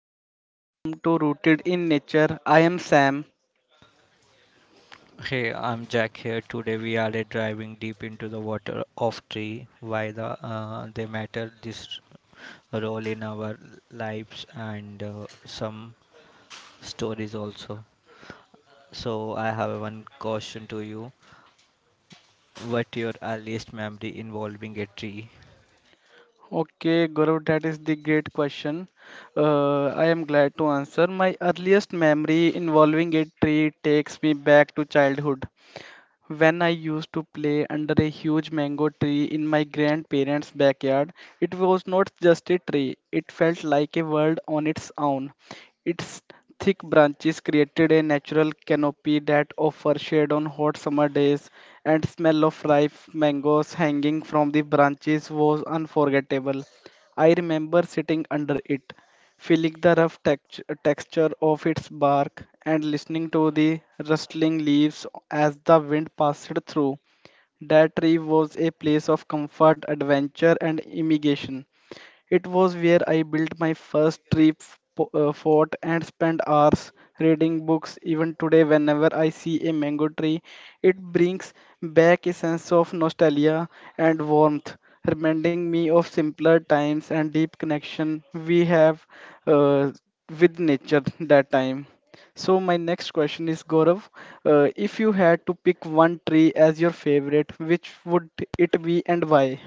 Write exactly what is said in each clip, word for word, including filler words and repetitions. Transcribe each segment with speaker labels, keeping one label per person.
Speaker 1: everyone, welcome to Rooted in Nature. I am Sam.
Speaker 2: Hey, I'm Jack here. Today we are uh, driving deep into the water of tree, why the uh, they matter, this role in our lives, and uh, some stories also. So I have one question to you. What your earliest memory involving a tree?
Speaker 1: Okay, Gaurav, that is the great question. Uh, I am glad to answer. My earliest memory involving a tree takes me back to childhood. When I used to play under a huge mango tree in my grandparents' backyard, it was not just a tree, it felt like a world on its own. Its thick branches created a natural canopy that offered shade on hot summer days, and smell of ripe mangoes hanging from the branches was unforgettable. I remember sitting under it, feeling the rough text- texture of its bark and listening to the rustling leaves as the wind passed through. That tree was a place of comfort, adventure, and immigration. It was where I built my first trip po- uh, fort and spent hours reading books. Even today, whenever I see a mango tree, it brings back a sense of nostalgia and warmth, reminding me of simpler times and deep connection we have uh, with nature that time. So my next question is Gaurav, uh, if you had to pick one tree as your favorite, which would it be and why?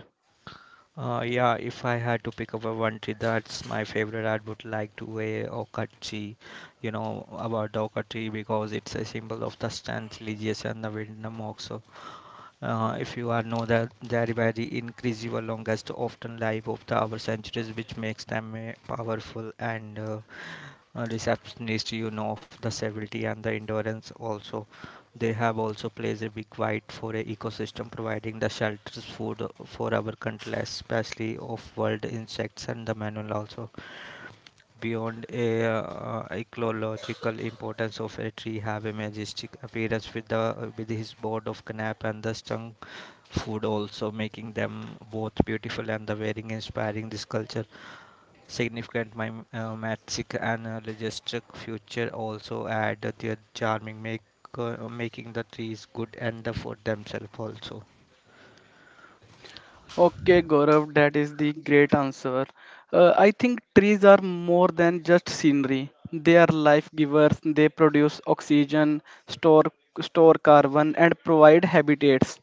Speaker 2: Uh, yeah, if I had to pick up a one tree, that's my favorite. I would like to a oak tree. You know about the oak tree because it's a symbol of the strength, religious, and the wisdom also. Uh, if you are know that their very increase your longest often life of the our centuries, which makes them a powerful and uh, receptionist you know of the stability and the endurance also. They have also plays a big white for a ecosystem providing the shelters food for our countless, especially of world insects and the manual also. Beyond a uh, ecological importance of a tree have a majestic appearance with the with his board of canap and the stung food also, making them both beautiful and the wearing inspiring this culture significant my uh, and uh, logistic future also add their charming make uh, making the trees good and the for themselves also.
Speaker 1: Okay, Gaurav, that is the great answer. Uh, I think trees are more than just scenery. They are life givers. They produce oxygen, store store carbon, and provide habitats.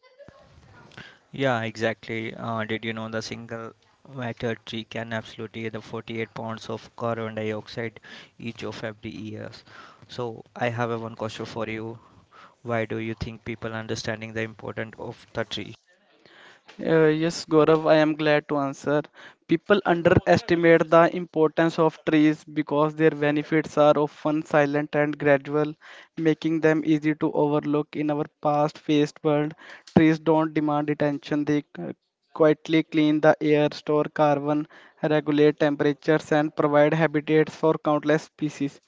Speaker 2: Yeah, exactly, uh, did you know the single matter tree can absolutely the forty-eight pounds of carbon dioxide each of every years? So I have a one question for you. Why do you think people understanding the importance of the tree?
Speaker 1: Uh, yes, Gaurav, I am glad to answer. People underestimate the importance of trees because their benefits are often silent and gradual, making them easy to overlook in our fast-paced world. Trees don't demand attention, they uh, quietly clean the air, store carbon, regulate temperatures, and provide habitats for countless species.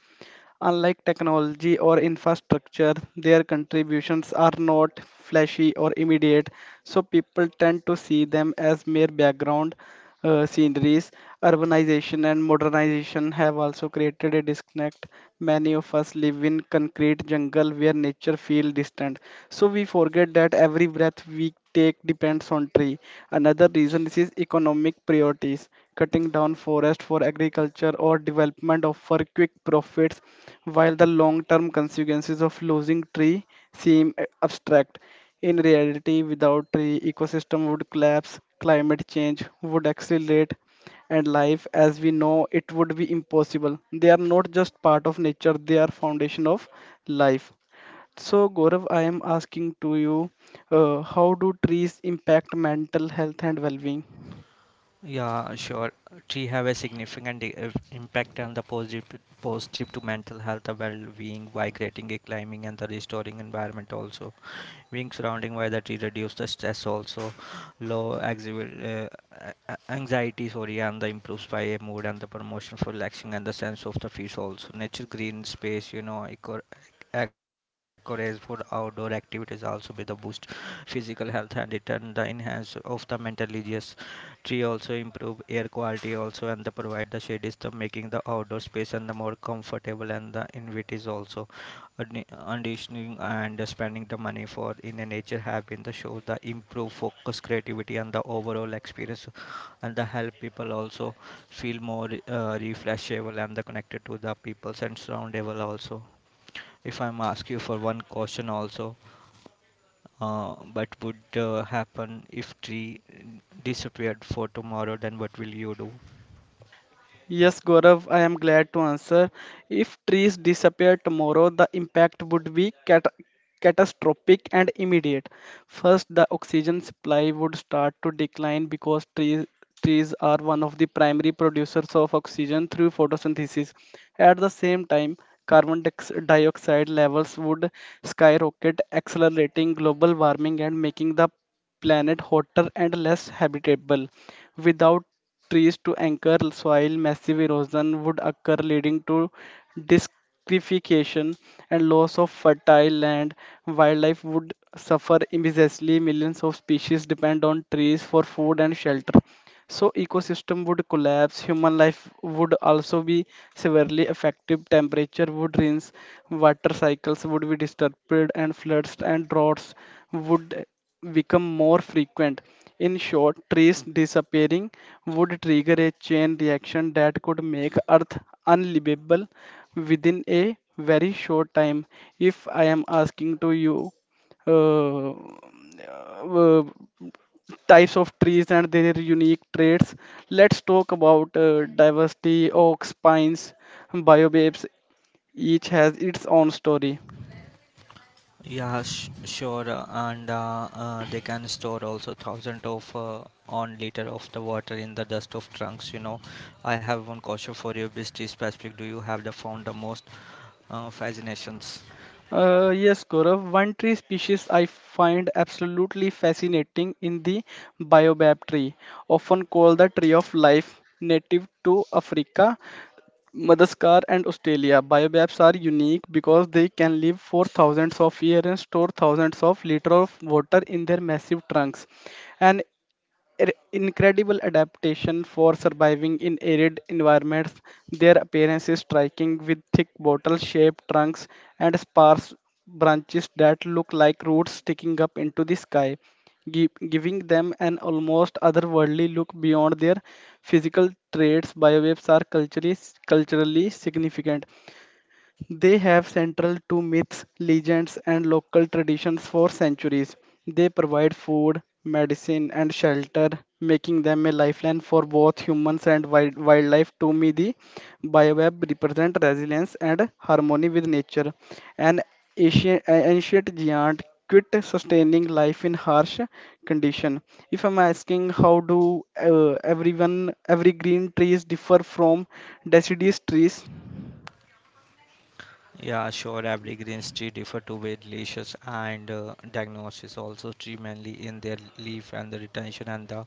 Speaker 1: Unlike technology or infrastructure, their contributions are not flashy or immediate, so people tend to see them as mere background uh, sceneries, urbanization and modernization have also created a disconnect. Many of us live in concrete jungle where nature feels distant. So we forget that every breath we take depends on tree. Another reason this is economic priorities. Cutting down forest for agriculture or development offer quick profits, while the long-term consequences of losing tree seem uh, abstract. In reality, without tree, ecosystem would collapse, climate change would accelerate, and life as we know it would be impossible. They are not just part of nature, they are foundation of life. So, Gaurav, I am asking to you, uh, how do trees impact mental health and well-being?
Speaker 2: Yeah, sure. Tea have a significant i- if- impact on the positive positive to mental health, the well-being by creating a climbing and the restoring environment also. Being surrounded by the tree reduce the stress also, low exhi- uh, a- anxiety, sorry, and the improves by a mood and the promotion for relaxing and the sense of the peace also. Nature green space, you know eco- encourage for outdoor activities also with the boost physical health and return the enhance of the mental religious. Tree also improve air quality also and the provide the shade is the making the outdoor space and the more comfortable and the invites also. Conditioning auditioning and spending the money for in a nature have been the show the improve focus creativity and the overall experience and the help people also feel more uh, refreshable and the connected to the people and surroundable also. If I'm ask you for one question also, uh, but would uh, happen if tree disappeared for tomorrow, then what will you do?
Speaker 1: Yes, Gaurav, I am glad to answer. If trees disappear tomorrow, the impact would be cat- catastrophic and immediate. First, the oxygen supply would start to decline because trees trees are one of the primary producers of oxygen through photosynthesis. At the same time, carbon diox- dioxide levels would skyrocket, accelerating global warming and making the planet hotter and less habitable. Without trees to anchor soil, massive erosion would occur, leading to discrification and loss of fertile land. Wildlife would suffer immensely. Millions of species depend on trees for food and shelter. So ecosystem would collapse, human life would also be severely affected, temperature would rise, water cycles would be disturbed and floods and droughts would become more frequent. In short, trees disappearing would trigger a chain reaction that could make Earth unlivable within a very short time. If I am asking to you, uh, uh, types of trees and their unique traits. Let's talk about uh, diversity. Oaks, pines, biobabes, each has its own story.
Speaker 2: Yeah, sh- sure, uh, and uh, uh, they can store also thousand of uh, on liter of the water in the dust of trunks. You know, I have one question for you, Bisti specific. Do you have the found the most uh, fascinations?
Speaker 1: Uh, yes, Gaurav, one tree species I find absolutely fascinating in the baobab tree, often called the tree of life, native to Africa, Madagascar, and Australia. Biobabs are unique because they can live for thousands of years and store thousands of liters of water in their massive trunks. An ir- incredible adaptation for surviving in arid environments. Their appearance is striking with thick bottle shaped trunks and sparse branches that look like roots sticking up into the sky, gi- giving them an almost otherworldly look beyond their physical traits. Biowaves are culturally, culturally significant they have central to myths, legends, and local traditions for centuries. They provide food, medicine, and shelter, making them a lifeline for both humans and wild- wildlife. To me, the bioweb represent resilience and harmony with nature. An ancient, ancient giant quit sustaining life in harsh condition. If I'm asking how do uh, everyone every green trees differ from deciduous trees,
Speaker 2: Yeah, sure. Every green tree differ to variations and uh, diagnosis. Also, tree mainly in their leaf and the retention and the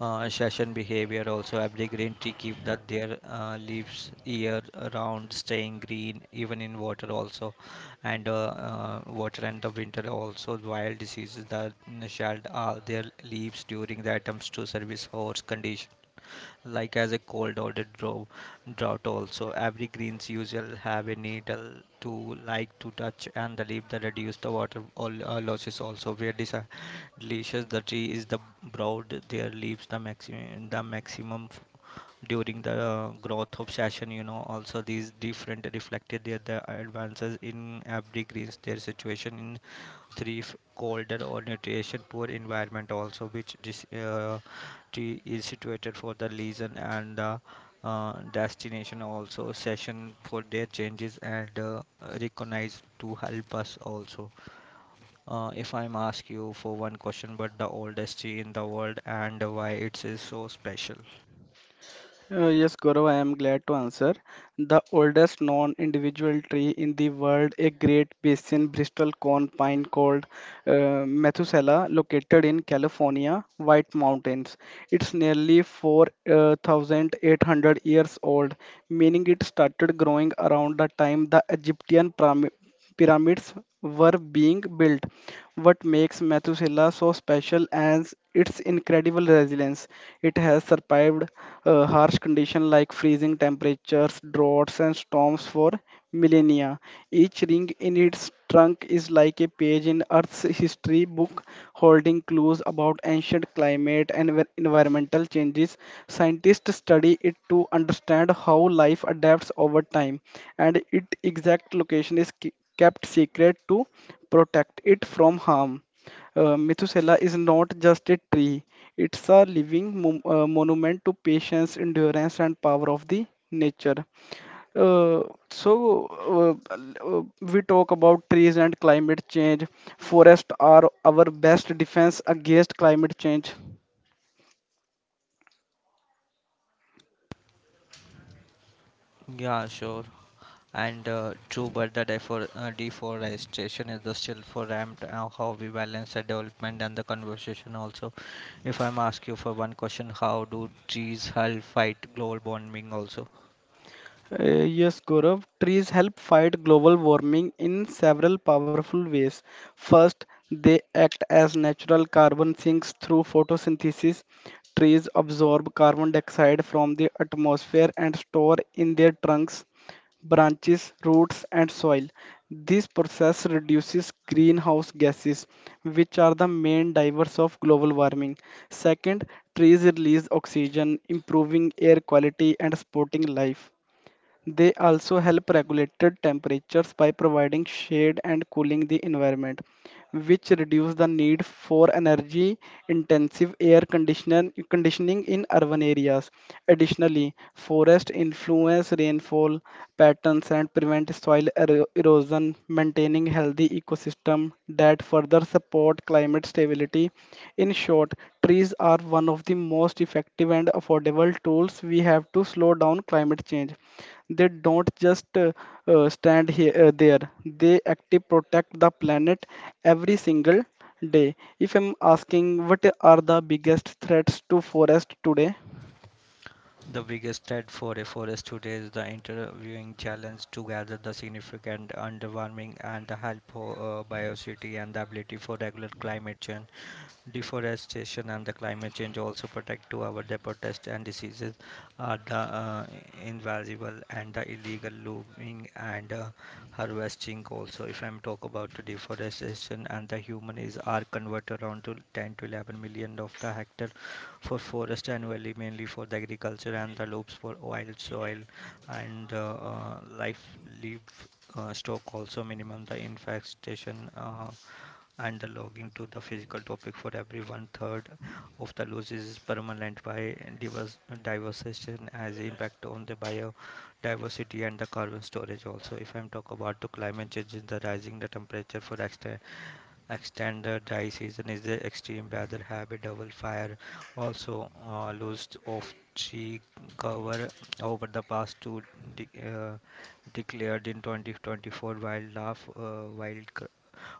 Speaker 2: uh, session behavior. Also, every green tree keep that their uh, leaves year around, staying green even in water also, and uh, uh, water and the winter also. Wild diseases that shed all their leaves during the attempts to service horse condition like as a cold or the drought, drought also every greens usual have a needle to like to touch and the leaf that reduce the water all uh, losses also, where this uh, delicious the tree is the broad their leaves the maximum, the maximum f- during the uh, growth of session, you know also. These different reflected their the advances in every greens their situation in three f- colder or nutrition poor environment also, which dis, uh, tree is situated for the lesion and the uh, destination also session for their changes and uh, recognize to help us also. Uh, if I'm ask you for one question but the oldest tree in the world and why it is so special?
Speaker 1: Uh, yes, Gaurav, I am glad to answer. The oldest known individual tree in the world, a great basin Bristol cone pine called uh, Methuselah, located in California, White Mountains. It's nearly four thousand eight hundred years old, meaning it started growing around the time the Egyptian pyramid pyramids were being built. What makes Methuselah so special is its incredible resilience. It has survived uh, harsh conditions like freezing temperatures, droughts, and storms for millennia. Each ring in its trunk is like a page in Earth's history book, holding clues about ancient climate and envi- environmental changes. Scientists study it to understand how life adapts over time, and its exact location is key kept secret to protect it from harm. Uh, Methuselah is not just a tree, it's a living mo- uh, monument to patience, endurance, and power of the nature. Uh, so, uh, uh, we talk about trees and climate change. Forests are our best defense against climate change.
Speaker 2: Yeah, sure, and uh, true, but the defor- uh, deforestation is the still for ramped, uh, how we balance the development and the conversation also? If I'm ask you for one question, how do trees help fight global warming also?
Speaker 1: Uh, yes, Gaurav. Trees help fight global warming in several powerful ways. First, they act as natural carbon sinks through photosynthesis. Trees absorb carbon dioxide from the atmosphere and store in their trunks, branches, roots, and soil. This process reduces greenhouse gases, which are the main drivers of global warming. Second, trees release oxygen, improving air quality and supporting life. They also help regulate temperatures by providing shade and cooling the environment, which reduce the need for energy intensive air conditioner- conditioning in urban areas. Additionally, forests influence rainfall patterns and prevent soil ero- erosion, maintaining healthy ecosystem that further support climate stability. In short, trees are one of the most effective and affordable tools we have to slow down climate change they don't just uh, uh, stand here uh, there they actively protect the planet every single day if I'm asking what are the biggest threats to forest today
Speaker 2: The biggest threat for a forest today is the interviewing challenge to gather the significant underwarming and the help for uh, biodiversity and the ability for regular climate change, deforestation and the climate change also protect to our the protest and diseases are the uh, invaluable and the illegal looming and uh, harvesting also. If I'm talk about the deforestation and the human is are converted around to ten to eleven million of the hectare for forest annually, mainly for the agriculture and the loops for oil soil, and uh, uh, life live uh, stock also, minimum the infestation, uh, and the logging to the physical topic for every one third of the losses is permanent by divers- diversification as impact on the biodiversity and the carbon storage also. If I'm talk about the climate change is the rising the temperature for extra extended dry season is the extreme weather. Have a double fire. Also, uh, loss of tree cover over the past two de- uh, declared in twenty twenty-four, wild laugh, uh, wild c-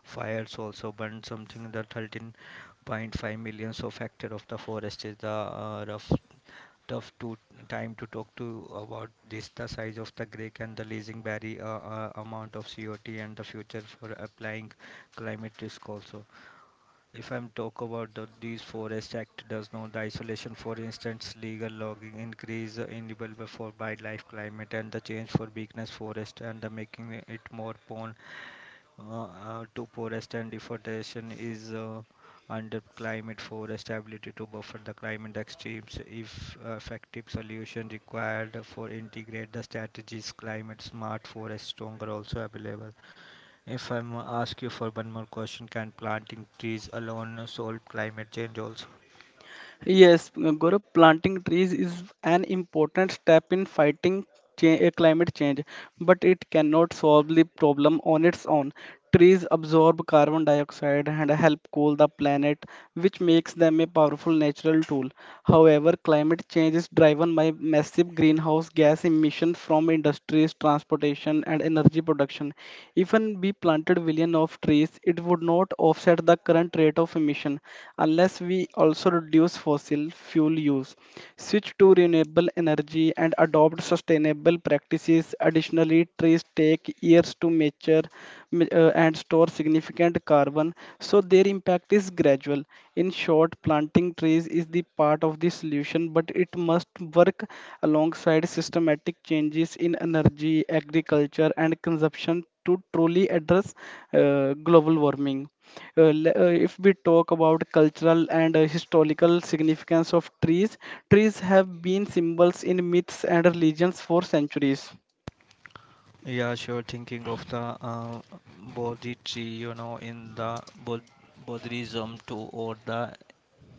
Speaker 2: fires also burned something the thirteen point five millions so factor of the forest is the uh, rough tough to time to talk to about this, the size of the Greek and the leasing barrier, uh, uh, amount of C O T and the future for applying climate risk also. If I'm talk about the, these forest act does not the isolation, for instance legal logging increase, uh, enable for wildlife climate and the change for weakness forest and the making it more prone, uh, uh, to forest and deforestation is uh, under climate forest ability to buffer the climate extremes. If uh, effective solution required for integrate the strategies climate smart forest stronger also available. If I'm ask you for one more question, can planting trees alone solve climate change also?
Speaker 1: Yes, Gaurav, planting trees is an important step in fighting cha- uh, climate change, but it cannot solve the problem on its own. Trees absorb carbon dioxide and help cool the planet, which makes them a powerful natural tool. However, climate change is driven by massive greenhouse gas emissions from industries, transportation, and energy production. Even we planted billion of trees, it would not offset the current rate of emission unless we also reduce fossil fuel use, switch to renewable energy and adopt sustainable practices. Additionally, trees take years to mature ma- uh, and store significant carbon, so their impact is gradual. In short, planting trees is the part of the solution, but it must work alongside systematic changes in energy, agriculture, and consumption to truly address uh, global warming. Uh, le- uh, if we talk about cultural and uh, historical significance of trees, trees have been symbols in myths and religions for centuries
Speaker 2: Yeah, sure, thinking of the uh, bodhi tree, you know in the bod- bodhism too, or the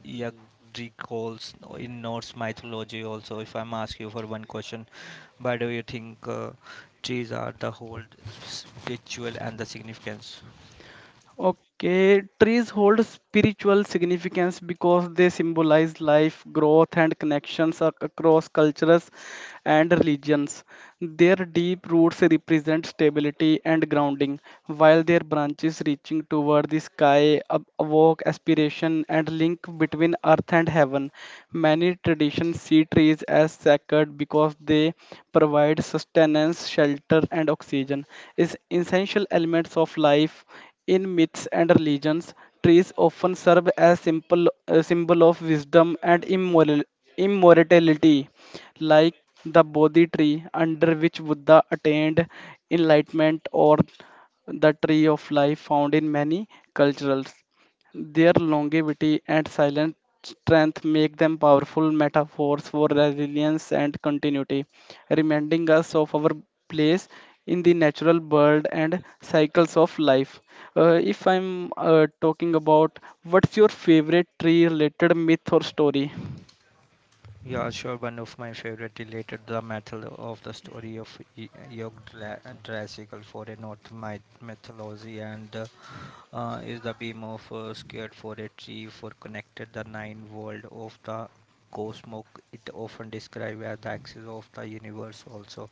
Speaker 2: Yggdrasil in Norse mythology also. If I'm asking you for one question, why do you think uh, trees are the whole spiritual and the significance?
Speaker 1: Okay, trees hold spiritual significance because they symbolize life, growth, and connections ac- across cultures and religions. Their deep roots represent stability and grounding, while their branches reaching toward the sky ab- evoke aspiration and link between earth and heaven. Many traditions see trees as sacred because they provide sustenance, shelter, and oxygen, is essential elements of life in myths and religions, trees often serve as simple a symbol of wisdom and immoral, immortality, like the Bodhi tree under which Buddha attained enlightenment, or the tree of life found in many cultures. Their longevity and silent strength make them powerful metaphors for resilience and continuity, reminding us of our place in the natural world and cycles of life. Uh, if I'm uh, talking about what's your favorite tree related myth or story?
Speaker 2: Yeah, sure. One of my favorite related the method of the story of Y- Yggdrasil for a North myth- mythology, and uh, uh, is the beam of uh, scared for a tree for connected the nine world of the cosmos. It often described as the axis of the universe also,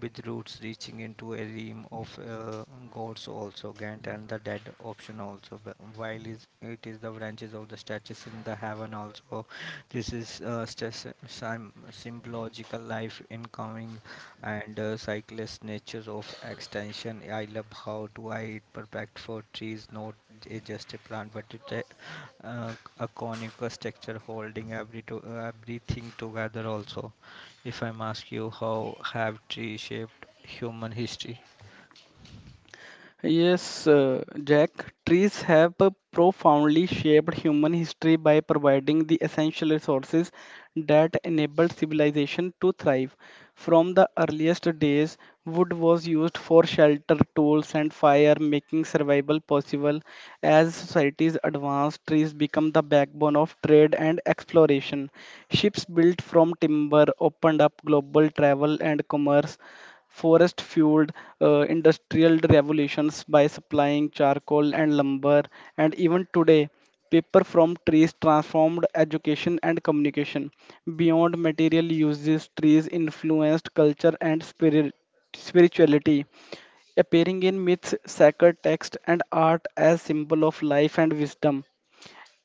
Speaker 2: with roots reaching into a realm of uh, gods also, Gant and the dead option also, but while is, it is the branches of the statues in the heaven also. This is uh, stas- sim- symbological life incoming and uh, cyclist natures of extension. I love how to I it perfect for trees, not a just a plant, but it, a, uh, a conical structure holding every to, uh, everything together also. If I'm asked you, how have trees shaped human history?
Speaker 1: Yes, uh, Jack, trees have uh, profoundly shaped human history by providing the essential resources that enabled civilization to thrive. From the earliest days, wood was used for shelter, tools, and fire, making survival possible. As societies advanced, trees become the backbone of trade and exploration. Ships built from timber opened up global travel and commerce forest fueled uh, industrial revolutions by supplying charcoal and lumber, and even today, paper from trees transformed education and communication. Beyond material uses, trees influenced culture and spirit, spirituality appearing in myths, sacred texts, and art as symbol of life and wisdom.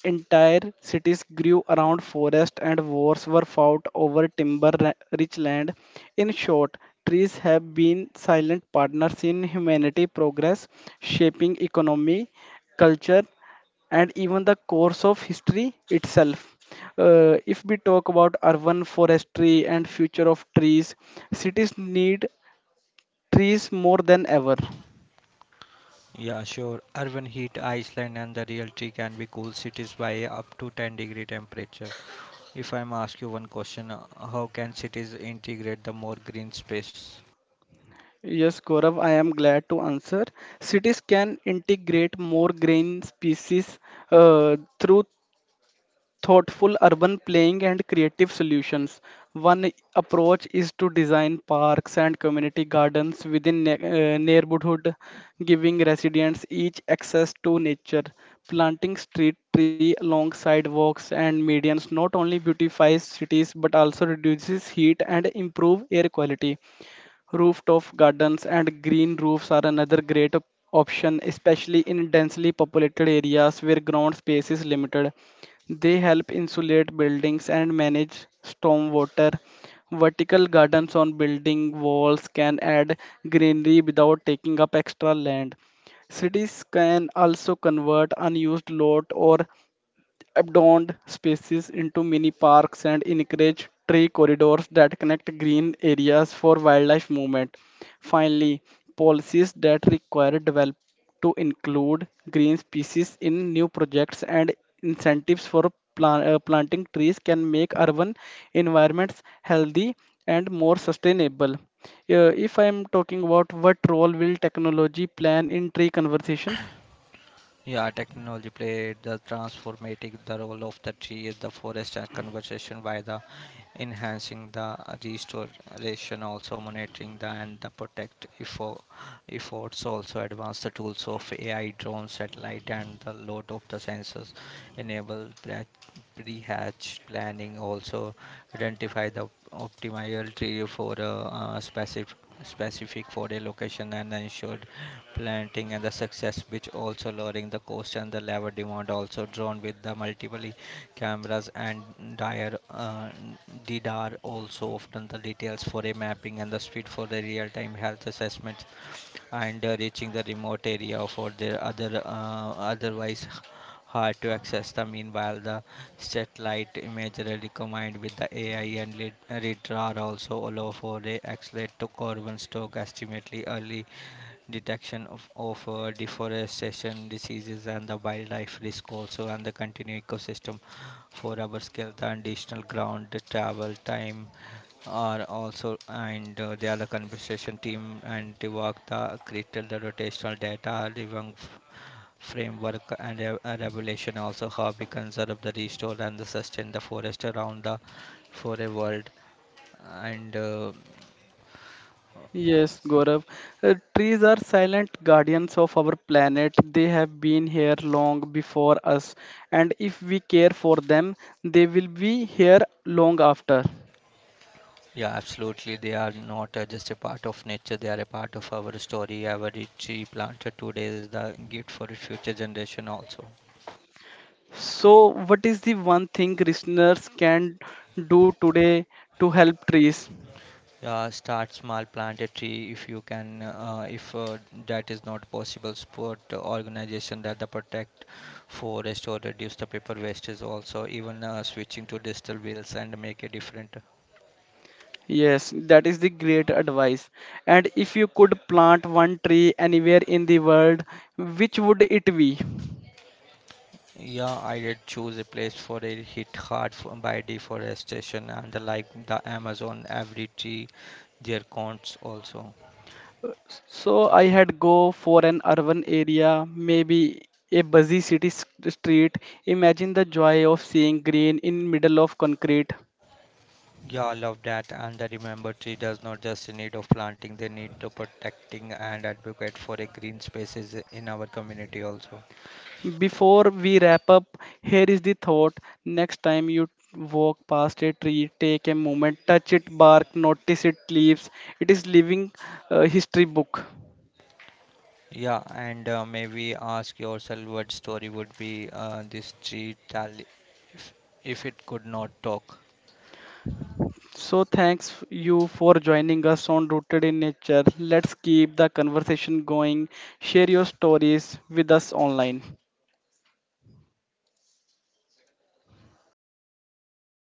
Speaker 1: Entire cities grew around forests and wars were fought over timber ra- rich land. In short, trees have been silent partners in humanity progress, shaping economy, culture, and even the course of history itself. Uh, if we talk about urban forestry and future of trees, cities need trees more than ever.
Speaker 2: Yeah, sure. Urban heat, Iceland, and the real tree can be cool cities by up to ten degree temperature. If I'm asked you one question, uh, how can cities integrate the more green space?
Speaker 1: Yes, Gaurav, I am glad to answer. Cities can integrate more grain species uh, through thoughtful urban planning and creative solutions. One approach is to design parks and community gardens within ne- uh, neighborhood, giving residents each access to nature. Planting street tree along sidewalks and medians not only beautifies cities but also reduces heat and improve air quality. Rooftop gardens and green roofs are another great op- option, especially in densely populated areas where ground space is limited. They help insulate buildings and manage stormwater. Vertical gardens on building walls can add greenery without taking up extra land. Cities can also convert unused lot or abandoned spaces into mini parks and encourage tree corridors that connect green areas for wildlife movement. Finally, policies that require develop to include green species in new projects and incentives for plan- uh, planting trees can make urban environments healthy and more sustainable. Uh, if I am talking about what role will technology plan in tree conservation?
Speaker 2: Yeah, technology played the transformative the role of the tree, the forest and conservation by the enhancing the restoration, also monitoring the and the protect effo- efforts, also advanced the tools of A I, drones, satellite, and the load of the sensors enable pre- pre-hatch planning, also identify the optimal tree for a uh, specific specific for a location and ensured planting and the success, which also lowering the cost and the labor demand also drawn with the multiple i- cameras and dire uh, D D R also often the details for a mapping and the speed for the real-time health assessment, and uh, reaching the remote area for their other uh, otherwise h- hard to access the meanwhile. The satellite imagery combined with the AI and lit- radar also allow for a accelerate to carbon stock estimately, early detection of, of uh, deforestation, diseases, and the wildlife risk also, and the continuing ecosystem four hours scale, the additional ground travel time are also, and uh, they are the other compensation team and they work the critical the rotational data living f- framework and re- uh, regulation also. How we conserve the restore and the sustain the forest around the for a world and uh,
Speaker 1: Yes, Gaurav. Uh, trees are silent guardians of our planet. They have been here long before us, and if we care for them, they will be here long after.
Speaker 2: yeah, absolutely. They are not uh, just a part of nature, they are a part of our story. Every tree planted today is the gift for the future generation also.
Speaker 1: So, what is the one thing listeners can do today to help trees?
Speaker 2: Uh, start small, plant a tree if you can, uh, if uh, that is not possible, support organization that the protect forest or reduce the paper wastage also, even uh, switching to digital wheels and make a different.
Speaker 1: Yes, that is the great advice. And if you could plant one tree anywhere in the world, which would it be?
Speaker 2: Yeah, I did choose a place for a hit hard f- by deforestation and the like the Amazon, every tree their counts also.
Speaker 1: So I had go for an urban area, maybe a busy city s- street. Imagine the joy of seeing green in middle of concrete.
Speaker 2: Yeah, I love that. And the remember, tree does not just need of planting, they need to protecting and advocate for a green spaces in our community also.
Speaker 1: Before we wrap up, here is the thought. Next time you walk past a tree, take a moment, touch it, bark, notice it leaves. It is living uh, history book.
Speaker 2: Yeah, and uh, maybe ask yourself what story would be uh, this tree tell if, if it could not talk.
Speaker 1: So thanks you for joining us on Rooted in Nature. Let's keep the conversation going. Share your stories with us online.